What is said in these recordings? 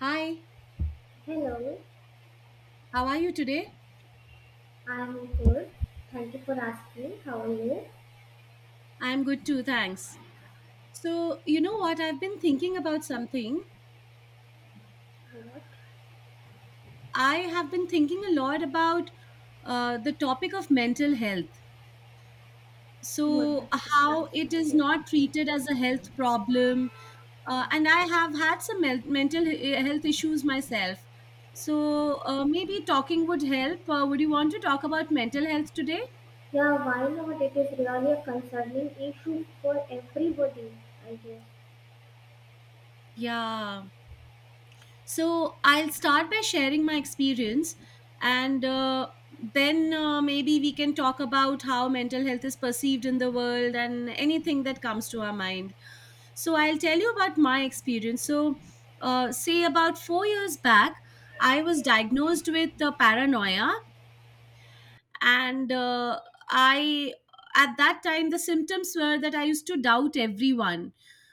Hi, Hello, how are you today? I'm good. Thank you for asking. How are you? I'm good too, thanks. So, you know what? I've been thinking about something. What? I have been thinking a lot about the topic of mental health. What? So, That's a nice how it is topic. not treated as a health problem. And I have had some mental health issues myself. So, maybe talking would help. Would you want to talk about mental health today? Yeah, why not? It is really a concerning issue for everybody, I guess. Yeah. So I'll start by sharing my experience, and then maybe we can talk about how mental health is perceived in the world and anything that comes to our mind. So I'll tell you about my experience. So, say about 4 years back, I was diagnosed with paranoia, and I at that time the symptoms were that I used to doubt everyone.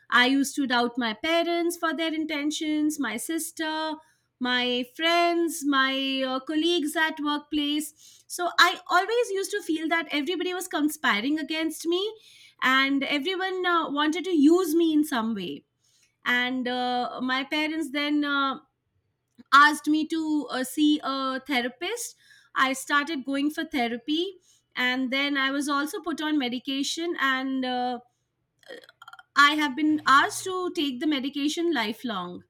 I used to doubt my parents for their intentions, my sister, my friends, my colleagues at workplace. So I always used to feel that everybody was conspiring against me and everyone wanted to use me in some way. And my parents then asked me to see a therapist. I started going for therapy, and then I was also put on medication, and I have been asked to take the medication lifelong.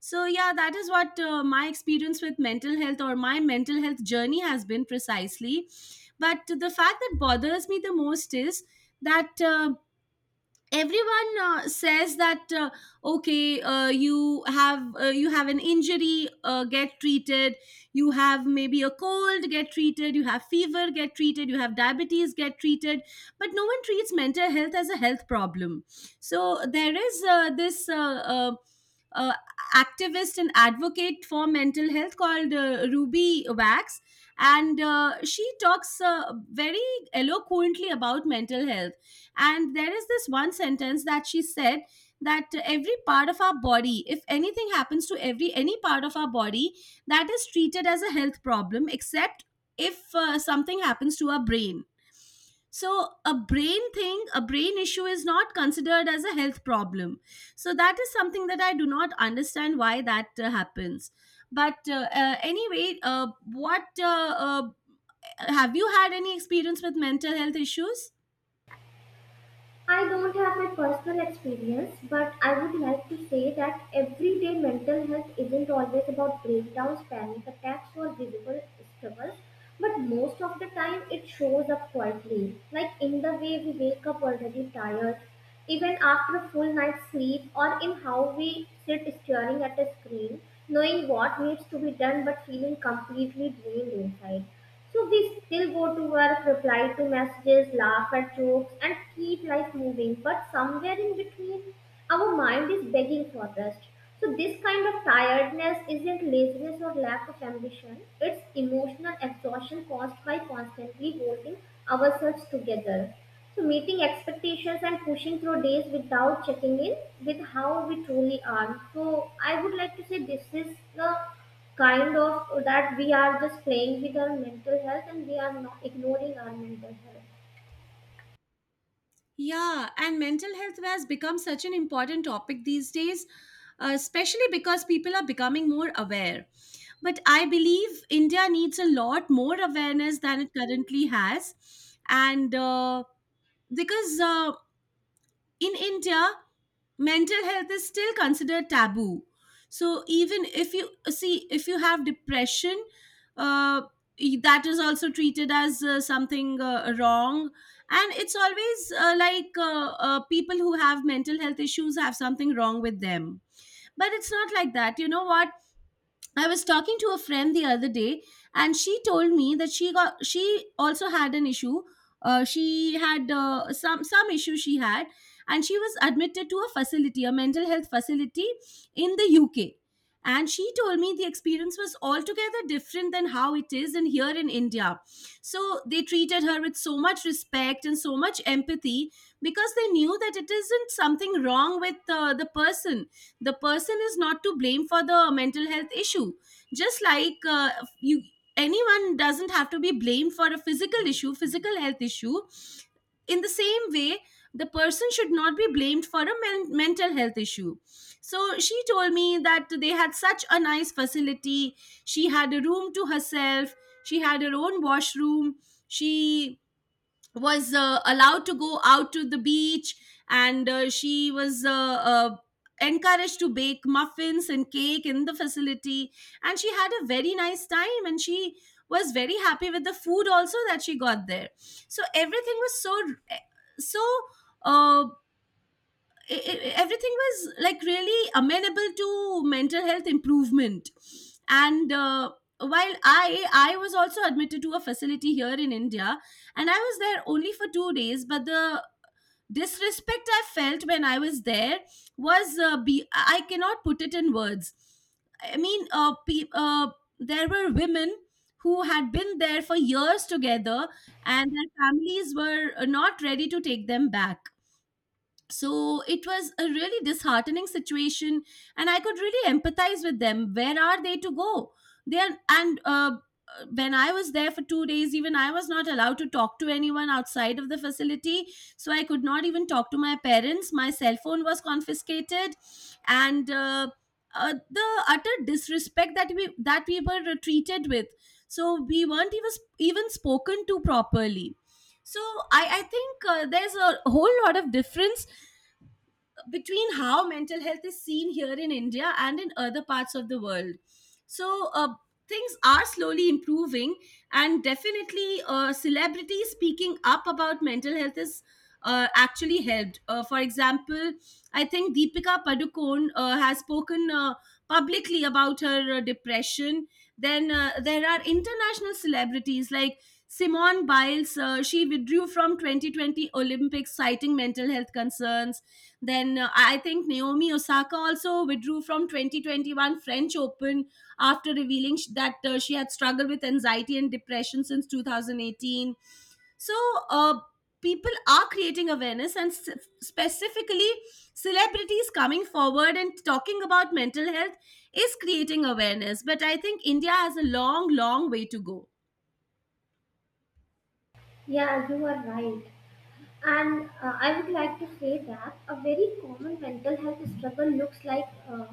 So, yeah, that is what my experience with mental health, or my mental health journey, has been precisely. But the fact that bothers me the most is that. Everyone says that, okay you have an injury, get treated. You have maybe a cold, get treated. You have fever, get treated. You have diabetes, get treated. But no one treats mental health as a health problem. So there is this uh, activist and advocate for mental health called Ruby Wax, and she talks very eloquently about mental health. And there is this one sentence that she said, that every part of our body, if anything happens to every any part of our body, that is treated as a health problem, except if something happens to our brain. So a brain thing, a brain issue is not considered as a health problem. So that is something that I do not understand why that happens. But anyway, what have you had any experience with mental health issues? I don't have my personal experience, but I would like to say that everyday mental health isn't always about breakdowns, panic attacks, or visible struggles, but most of the time it shows up quietly, like in the way we wake up already tired, even after a full night's sleep, or in how we sit staring at a screen, knowing what needs to be done but feeling completely drained inside. So we still go to work, reply to messages, laugh at jokes, and keep life moving. But somewhere in between, our mind is begging for rest. So this kind of tiredness isn't laziness or lack of ambition. It's emotional exhaustion caused by constantly holding ourselves together. So, meeting expectations and pushing through days without checking in with how we truly are. So, I would like to say this is the kind of that we are just playing with our mental health and we are not ignoring our mental health. Yeah, and mental health has become such an important topic these days, especially because people are becoming more aware. But I believe India needs a lot more awareness than it currently has. And because in India, mental health is still considered taboo. So even if you see, if you have depression, uh, that is also treated as something wrong, and it's always like people who have mental health issues have something wrong with them. But it's not like that. You know what, I was talking to a friend the other day, and she told me that she also had an issue. She had uh, some issue she had, and she was admitted to a facility, a mental health facility in the UK. And she told me the experience was altogether different than how it is in here in India. So they treated her with so much respect and so much empathy, because they knew that it isn't something wrong with the person. The person is not to blame for the mental health issue. Just like you anyone doesn't have to be blamed for a physical issue, physical health issue. In the same way, the person should not be blamed for a mental health issue. So she told me that they had such a nice facility. She had a room to herself, she had her own washroom, she was allowed to go out to the beach, and she was encouraged to bake muffins and cake in the facility. And she had a very nice time, and she was very happy with the food also that she got there. So everything was so, eh, so, uh, everything was like really amenable to mental health improvement. And while I was also admitted to a facility here in India, and I was there only for 2 days, but the disrespect I felt when I was there was be I cannot put it in words. I mean, there were women who had been there for years together, and their families were not ready to take them back. So it was a really disheartening situation, and I could really empathize with them. Where are they to go? They are, and when I was there for 2 days, even I was not allowed to talk to anyone outside of the facility. So I could not even talk to my parents, my cell phone was confiscated. And the utter disrespect that we were treated with, so we weren't even spoken to properly. So I think there's a whole lot of difference between how mental health is seen here in India and in other parts of the world. So, things are slowly improving, and definitely, celebrities speaking up about mental health is. Actually helped. For example, I think Deepika Padukone has spoken publicly about her depression. Then there are international celebrities like Simone Biles. She withdrew from 2020 Olympics citing mental health concerns. Then I think Naomi Osaka also withdrew from 2021 French Open after revealing that she had struggled with anxiety and depression since 2018. So uh, people are creating awareness, and specifically celebrities coming forward and talking about mental health is creating awareness. But I think India has a long, long way to go. Yeah, you are right. And I would like to say that a very common mental health struggle looks like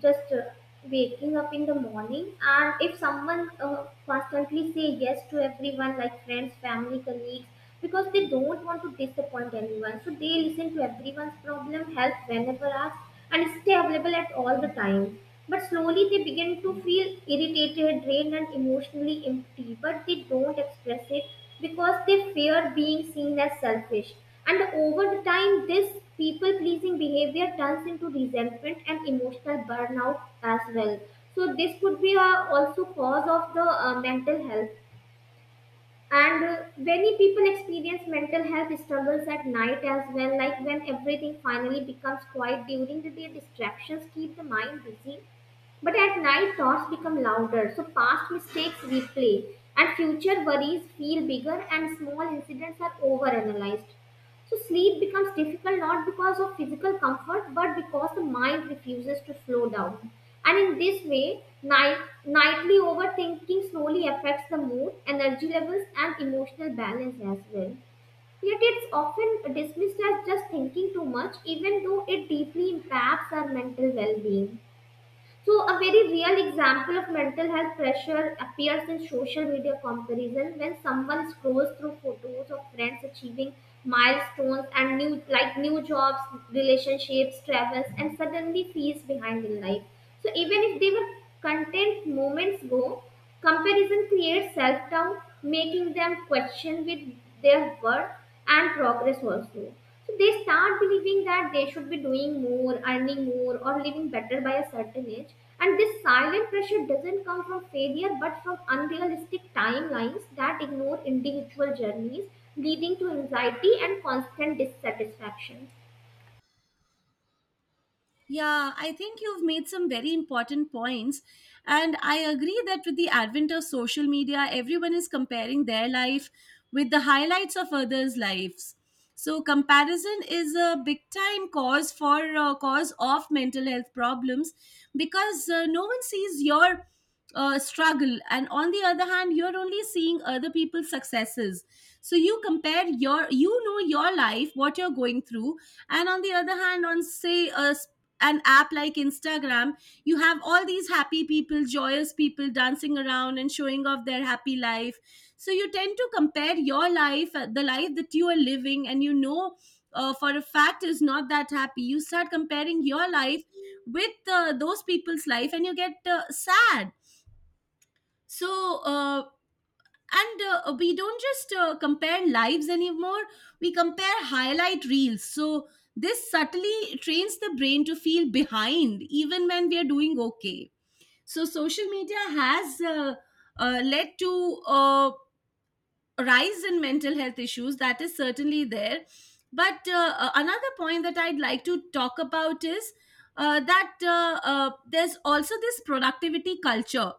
just waking up in the morning, and if someone constantly say yes to everyone like friends, family, colleagues, because they don't want to disappoint anyone, so they listen to everyone's problem, help whenever asked, and stay available at all the time, but slowly they begin to feel irritated, drained, and emotionally empty, but they don't express it because they fear being seen as selfish. And over the time, this people pleasing behavior turns into resentment and emotional burnout as well. So this could be also cause of the mental health. And many people experience mental health struggles at night as well, like when everything finally becomes quiet during the day, distractions keep the mind busy. But at night, thoughts become louder, so past mistakes replay, and future worries feel bigger, and small incidents are overanalyzed. So sleep becomes difficult not because of physical comfort but because the mind refuses to slow down. And in this way, nightly overthinking slowly affects the mood, energy levels, and emotional balance as well. Yet it's often dismissed as just thinking too much, even though it deeply impacts our mental well being. So, a very real example of mental health pressure appears in social media comparison when someone scrolls through photos of friends achieving milestones and new like new jobs, relationships, travels, and suddenly feels behind in life. So, even if they were content moments ago, comparison creates self doubt, making them question with their worth and progress also. So they start believing that they should be doing more, earning more, or living better by a certain age. And this silent pressure doesn't come from failure but from unrealistic timelines that ignore individual journeys, leading to anxiety and constant dissatisfaction. Yeah, I think you've made some very important points. And I agree that with the advent of social media, everyone is comparing their life with the highlights of others' lives. So comparison is a big time cause of mental health problems, because no one sees your struggle, and on the other hand you're only seeing other people's successes. So you compare your, you know, your life, what you're going through, and on the other hand, on say an app like Instagram, you have all these happy people, joyous people dancing around and showing off their happy life. So you tend to compare your life, the life that you are living and you know for a fact is not that happy. You start comparing your life with those people's life, and you get sad. So uh, and uh, we don't just compare lives anymore, we compare highlight reels. So this subtly trains the brain to feel behind even when we are doing okay. So social media has led to a rise in mental health issues, that is certainly there. But another point that I'd like to talk about is that there's also this productivity culture.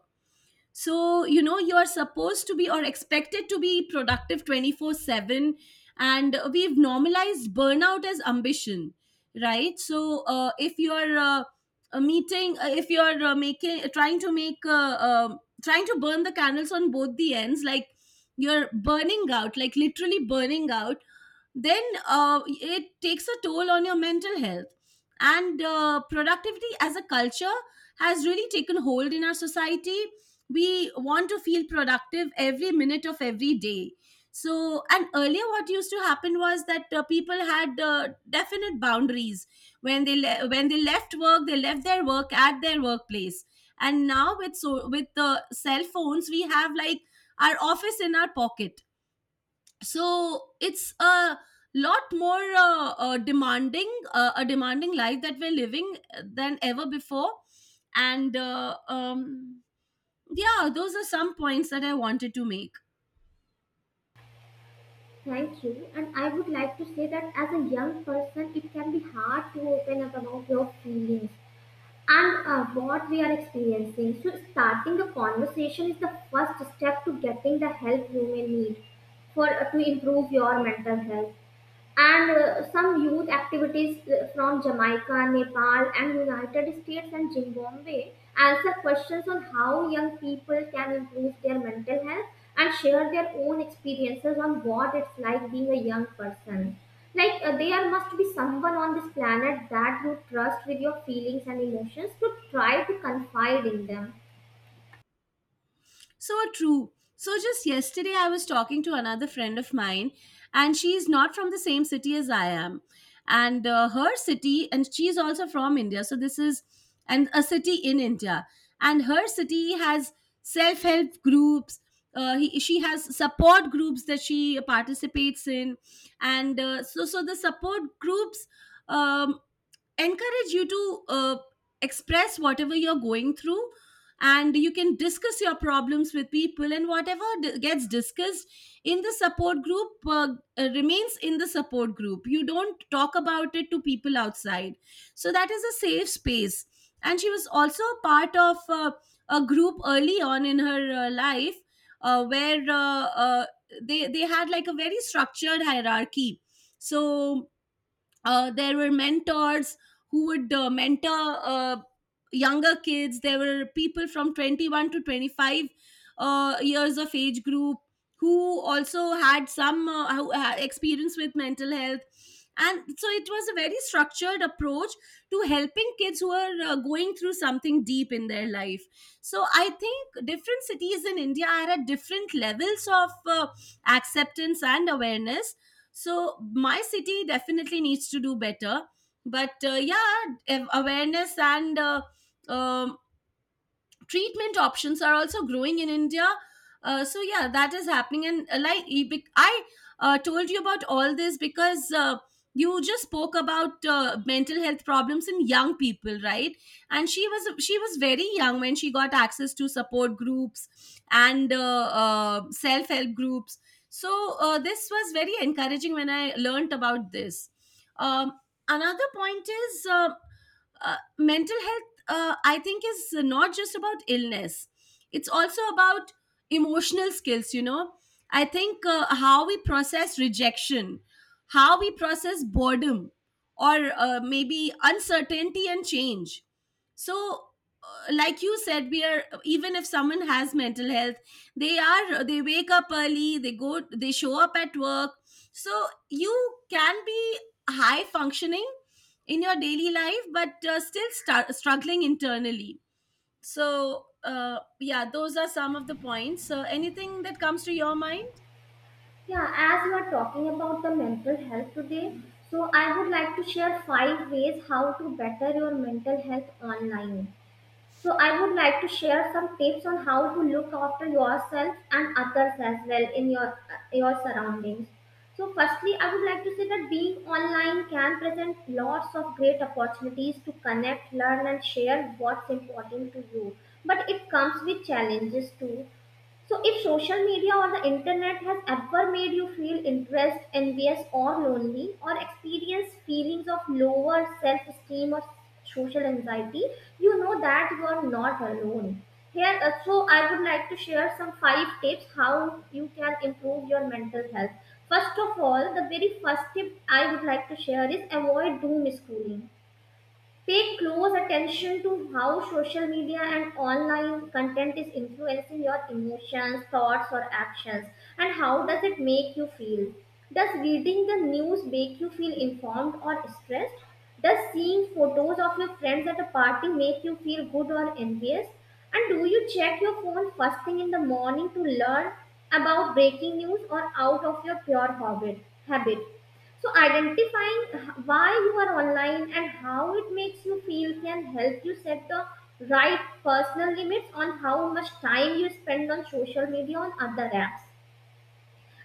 So you know you are supposed to be or expected to be productive 24/7, and we've normalized burnout as ambition, right? So if you're meeting if you're making trying to make, trying to burn the candles on both the ends, like you're burning out, like literally burning out, then it takes a toll on your mental health. And productivity as a culture has really taken hold in our society. We want to feel productive every minute of every day. So, and earlier what used to happen was that people had definite boundaries. When when they left work, they left their work at their workplace. And now, with so with the cell phones, we have like our office in our pocket. So it's a lot more demanding, a demanding life that we're living than ever before. And yeah, those are some points that I wanted to make. Thank you. And I would like to say that as a young person, it can be hard to open up about your feelings and what we are experiencing. So, starting the conversation is the first step to getting the help you may need for to improve your mental health, and some youth activities from Jamaica, Nepal, and United States and Zimbabwe answer questions on how young people can improve their mental health and share their own experiences on what it's like being a young person. Like, there must be someone on this planet that you trust with your feelings and emotions to try to confide in them. So true. So just yesterday, I was talking to another friend of mine, and she's not from the same city as I am. And her city, and she's also from India. So this is, and a city in India, and her city has self help groups. She has support groups that she participates in, and the support groups um, encourage you to express whatever you're going through, and you can discuss your problems with people, and whatever gets discussed in the support group remains in the support group. You don't talk about it to people outside, so that is a safe space. And she was also a part of a group early on in her life, where they had like a very structured hierarchy. So there were mentors who would mentor younger kids. There were people from 21 to 25 years of age group who also had some who had experience with mental health, and so it was a very structured approach to helping kids who are going through something deep in their life. So I think different cities in India are at different levels of acceptance and awareness. So my city definitely needs to do better, but yeah, awareness and um, treatment options are also growing in India. So yeah, that is happening. And I told you about all this because you just spoke about mental health problems in young people, right? And she was very young when she got access to support groups and self help groups. So this was very encouraging when I learned about this um, Another point is uh, mental health, I think, is not just about illness, it's also about emotional skills. I think how we process rejection, how we process boredom, or maybe uncertainty and change. So, like you said, we are, even if someone has mental health, they are they wake up early, they go, they show up at work. So you can be high functioning in your daily life but still start struggling internally. So yeah, those are some of the points, so anything that comes to your mind. Yeah, as we are talking about the mental health today, so I would like to share five ways how to better your mental health online. So I would like to share some tips on how to look after yourself and others as well in your surroundings. So firstly, I would like to say that being online can present lots of great opportunities to connect, learn, and share what's important to you. But it comes with challenges too. So, if social media or the internet has ever made you feel depressed, envious, or lonely, or experience feelings of lower self esteem or social anxiety, you know that you are not alone. Here, so I would like to share some five tips how you can improve your mental health. First of all, the very first tip I would like to share is avoid doom scrolling. Pay close attention to how social media and online content is influencing your emotions, thoughts, or actions, and how does it make you feel? Does reading the news make you feel informed or stressed? Does seeing photos of your friends at a party make you feel good or envious? And do you check your phone first thing in the morning to learn about breaking news or out of your pure habit? So, identifying why you are online and how it makes you feel can help you set the right personal limits on how much time you spend on social media on other apps.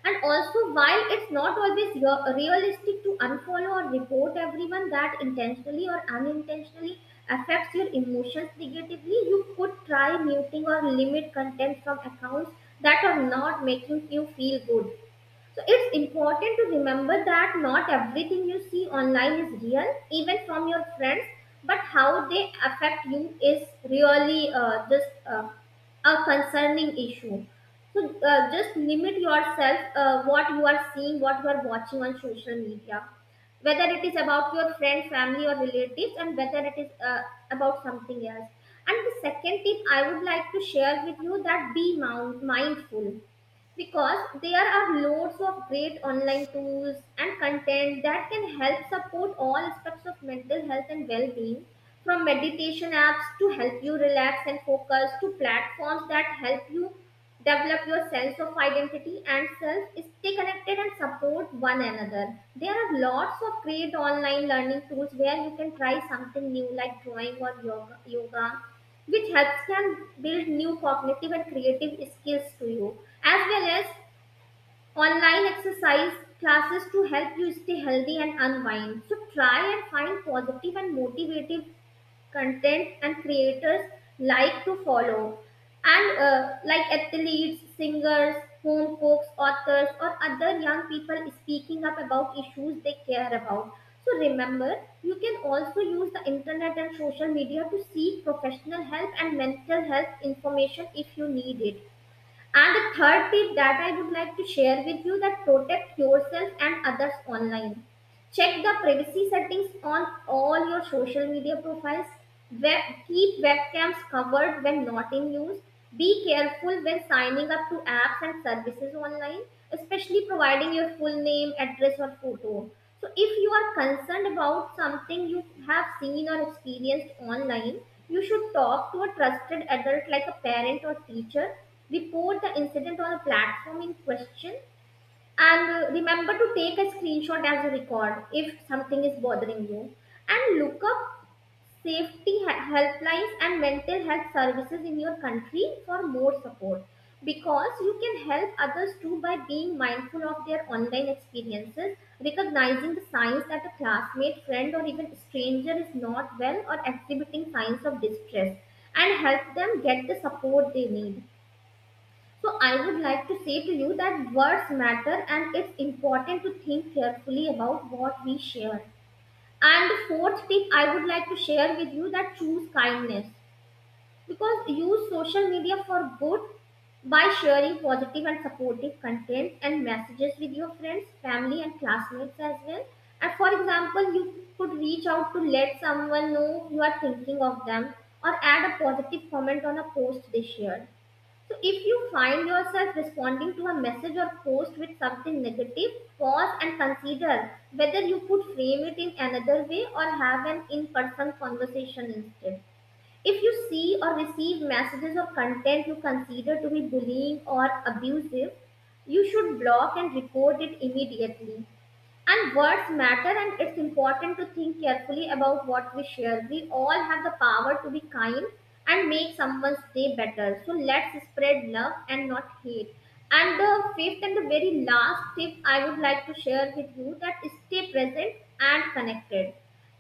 And also, while it's not always realistic to unfollow or report everyone that intentionally or unintentionally affects your emotions negatively, you could try muting or limit content from accounts that are not making you feel good. So it's important to remember that not everything you see online is real, even from your friends, but how they affect you is really just a concerning issue. So just limit yourself what you are seeing, what you are watching on social media, whether it is about your friend, family, or relatives, and whether it is about something else. And the second tip I would like to share with you that be mindful, because there are loads of great online tools and content that can help support all aspects of mental health and well-being, from meditation apps to help you relax and focus, to platforms that help you develop your sense of identity and self, stay connected and support one another. There are lots of great online learning tools where you can try something new like drawing or yoga, which helps can build new cognitive and creative skills to you, as well as online exercise classes to help you stay healthy and unwind. So try and find positive and motivative content and creators like to follow, and like athletes, singers, home cooks, authors, or other young people speaking up about issues they care about. So remember, you can also use the internet and social media to seek professional help and mental health information if you need it. And the third tip that I would like to share with you that protect yourself and others online. Check the privacy settings on all your social media profiles. Web, keep webcams covered when not in use. Be careful when signing up to apps and services online, especially providing your full name, address, or photo. So, if you are concerned about something you have seen or experienced online, you should talk to a trusted adult like a parent or teacher. Report the incident on a platform in question, and remember to take a screenshot as a record if something is bothering you, and look up safety helplines and mental health services in your country for more support, because you can help others too by being mindful of their online experiences, recognizing the signs that a classmate, friend, or even stranger is not well or exhibiting signs of distress, and help them get the support they need. So I would like to say to you that words matter, and it's important to think carefully about what we share. And the fourth tip I would like to share with you that choose kindness, because use social media for good by sharing positive and supportive content and messages with your friends, family, and classmates as well. And for example, you could reach out to let someone know you are thinking of them, or add a positive comment on a post they shared. So, if you find yourself responding to a message or post with something negative, pause and consider whether you could frame it in another way or have an in person conversation instead. If you see or receive messages or content you consider to be bullying or abusive, you should block and record it immediately. And words matter, and it's important to think carefully about what we share. We all have the power to be kind and make someone's day better. So let's spread love and not hate. And the fifth and the very last tip I would like to share with you that is stay present and connected.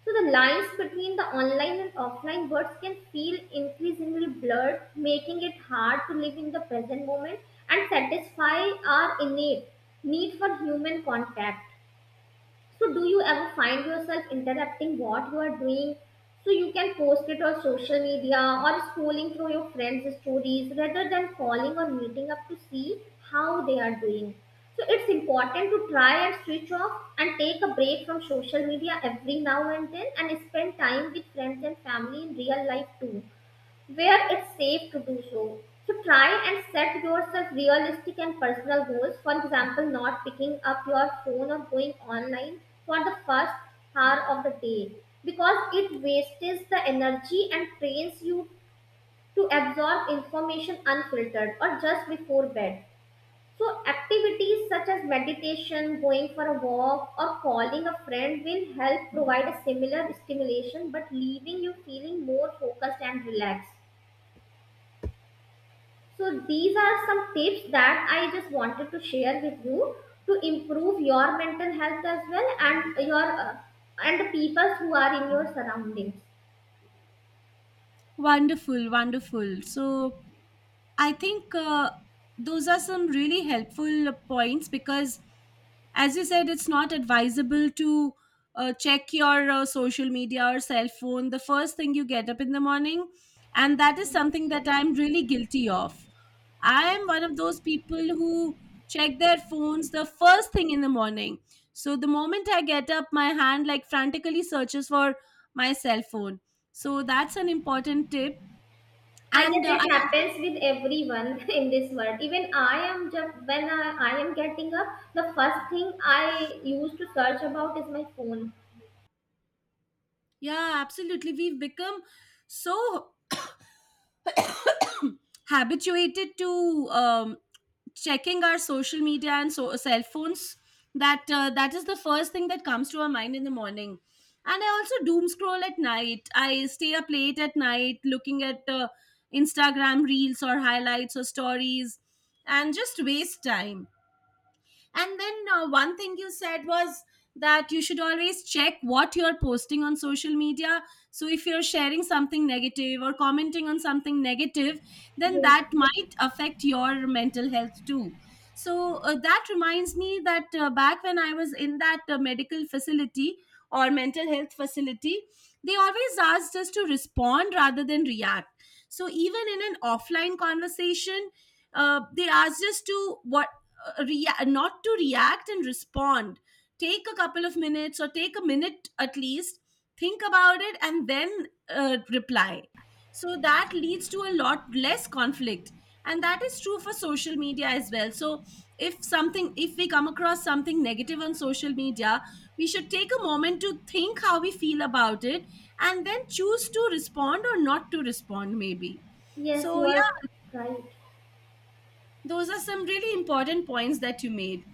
So the lines between the online and offline words can feel increasingly blurred, making it hard to live in the present moment and satisfy our innate need for human contact. So, do you ever find yourself interrupting what you are doing so you can post it on social media or scrolling through your friends' stories rather than calling or meeting up to see how they are doing? So, it's important to try and switch off and take a break from social media every now and then and spend time with friends and family in real life too where it's safe to do so. So try and set yourself realistic and personal goals. For example, not picking up your phone or going online for the first hour of the day because it wastes the energy and trains you to absorb information unfiltered or just before bed. So activities such as meditation, going for a walk or calling a friend will help provide a similar stimulation but leaving you feeling more focused and relaxed. So these are some tips that I just wanted to share with you to improve your mental health as well and your and the people who are in your surroundings. Wonderful, wonderful. So I think those are some really helpful points, because as you said, it's not advisable to check your social media or cell phone the first thing you get up in the morning, and that is something Yes. that I'm really guilty of. I am one of those people who check their phones the first thing in the morning. So the moment I get up, my hand like frantically searches for my cell phone. So that's an important tip. I And guess I it also, happens with everyone in this world. Even I am just when I am getting up, the first thing I used to search about is my phone. yeah, absolutely. We've become so habituated to checking our social media and so cell phones that that is the first thing that comes to our mind in the morning. And I also doom scroll at night. I stay up late at night looking at Instagram reels or highlights or stories and just waste time. And then one thing you said was that you should always check what you're posting on social media. So if you're sharing something negative or commenting on something negative, then Yes, that might affect your mental health too. So that reminds me that back when I was in that medical facility or mental health facility, they always asked us to respond rather than react. So even in an offline conversation, they asked us to what not to react and respond, take a couple of minutes or take a minute at least, think about it and then reply, so that leads to a lot less conflict. And that is true for social media as well. So if something, if we come across something negative on social media, we should take a moment to think how we feel about it, and then choose to respond or not to respond, maybe. yes, So you are yeah, right. those are some really important points that you made.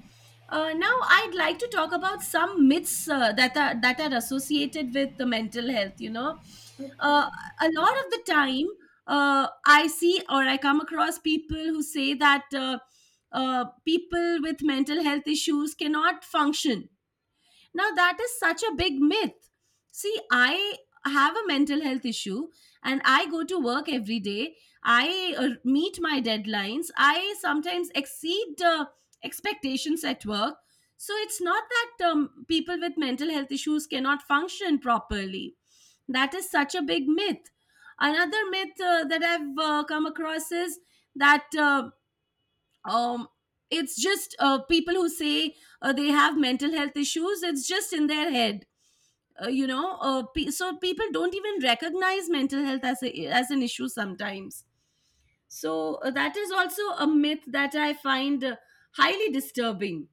Now, I'd like to talk about some myths that are associated with the mental health. Uh, Okay. a lot of the time, I see or I come across people who say that people with mental health issues cannot function. Now, that is such a big myth. See, I have a mental health issue and I go to work every day. I meet my deadlines. I sometimes exceed the expectations at work. So, it's not that people with mental health issues cannot function properly. That is such a big myth. Another myth that I've come across is that um it's just people who say they have mental health issues, it's just in their head. So people don't even recognize mental health as a, as an issue sometimes. So that is also a myth that I find highly disturbing.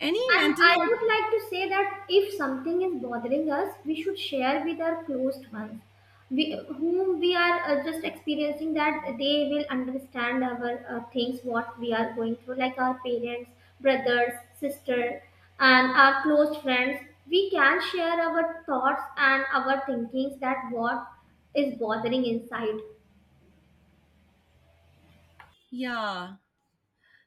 Any And mental I health, would like to say that if something is bothering us, we should share with our closed ones, we, whom we are just experiencing that they will understand our things, what we are going through, like our parents, brothers, sister, and our close friends. We can share our thoughts and our thinkings that what is bothering inside. yeah.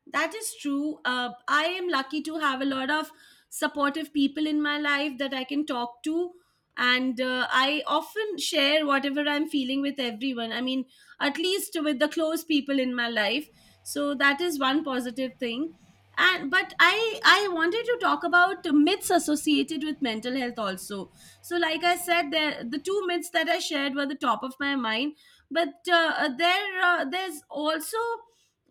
That is true. I am lucky to have a lot of supportive people in my life that I can talk to. And I often share whatever I'm feeling with everyone. I mean, at least with the close people in my life. So that is one positive thing. And but I wanted to talk about the myths associated with mental health also. So like I said, there the two myths that I shared were the top of my mind. But there there's also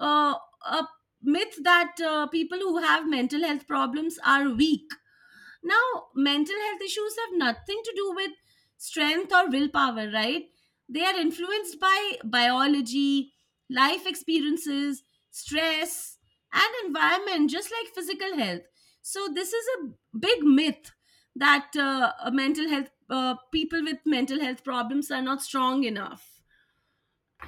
uh, a myth that people who have mental health problems are weak. Now, mental health issues have nothing to do with strength or willpower, right? They are influenced by biology, life experiences, stress, and environment, just like physical health. So, this is a big myth that mental health people with mental health problems are not strong enough.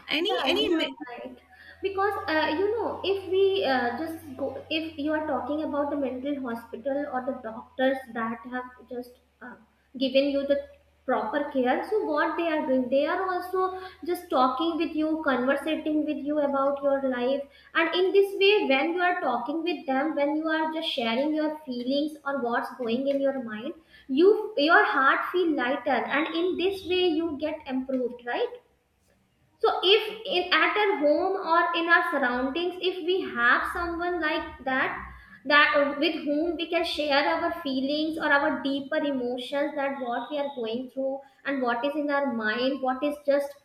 Any Yeah, any you are myth? right. Because you know, if we just go, if you are talking about the mental hospital or the doctors that have just uh, given you the proper care, so what they are doing, they are also just talking with you, conversating with you about your life, and in this way, when you are talking with them, when you are just sharing your feelings or what's going in your mind, you your heart feel lighter, and in this way, you get improved, right? So if in at our home or in our surroundings if we have someone like that that with whom we can share our feelings or our deeper emotions that what we are going through and what is in our mind what is just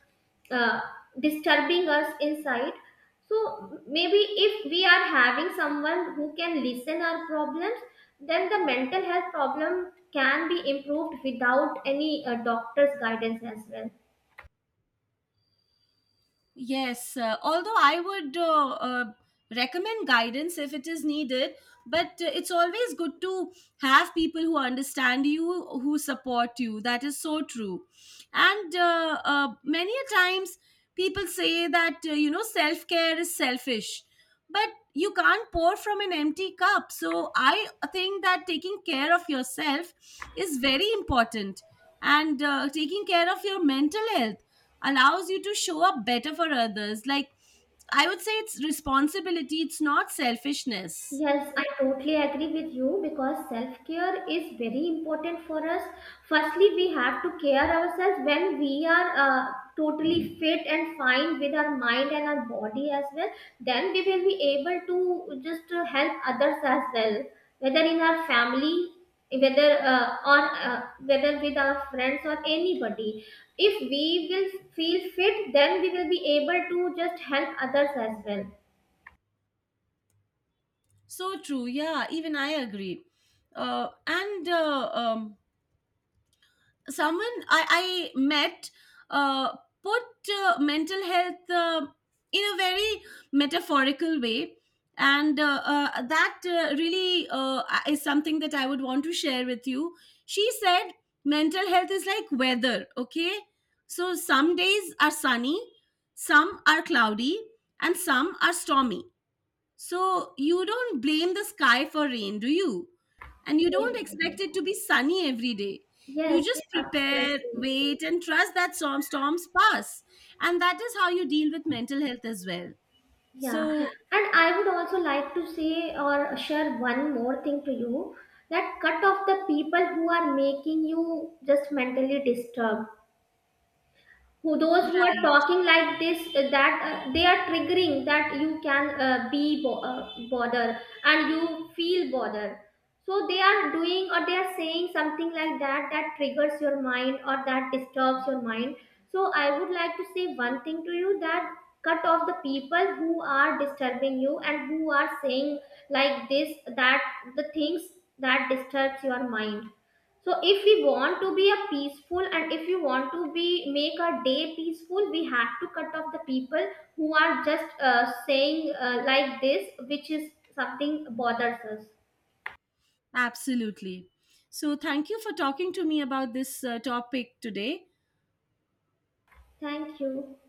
uh, disturbing us inside so maybe if we are having someone who can listen our problems then the mental health problem can be improved without any doctor's guidance as well. Yes, although I would recommend guidance if it is needed, but it's always good to have people who understand you, who support you. That is so true. And many a times people say that, self care is selfish, but you can't pour from an empty cup. So I think that taking care of yourself is very important, and taking care of your mental health allows you to show up better for others. Like, I would say it's responsibility, it's not selfishness. Yes, I totally agree with you because self care is very important for us. Firstly, we have to care ourselves when we are totally fit and fine with our mind and our body as well. Then we will be able to just help others as well, whether in our family, whether or whether with our friends or anybody. If we will feel fit, then we will be able to just help others as So true. Yeah, even I agree. And someone I met uh, put mental health in a very metaphorical way. And that really is something that I would want to share with you. She said, mental health is like weather, okay? So some days are sunny, some are cloudy, and some are stormy. So you don't blame the sky for rain, do you? And you don't well. expect it to be sunny every day. You Yes, just prepare, absolutely. wait, and trust that storms pass. And that is how you deal with mental health as well. Yeah. So, And I would also like to say or share one more thing to you that cut off the people who are making you just mentally disturbed, who those who are right, talking like this that they are triggering that you can bother and you feel bother, so they are doing or they are saying something like that that triggers your mind or that disturbs your mind. So I would like to say one thing to you that cut off the people who are disturbing you and who are saying like this, that the things that disturbs your mind. So if we want to be a peaceful and if you want to be make our day peaceful, we have to cut off the people who are just saying like this, which is something bothers us. absolutely. So, thank you for talking to me about this topic today. Thank you.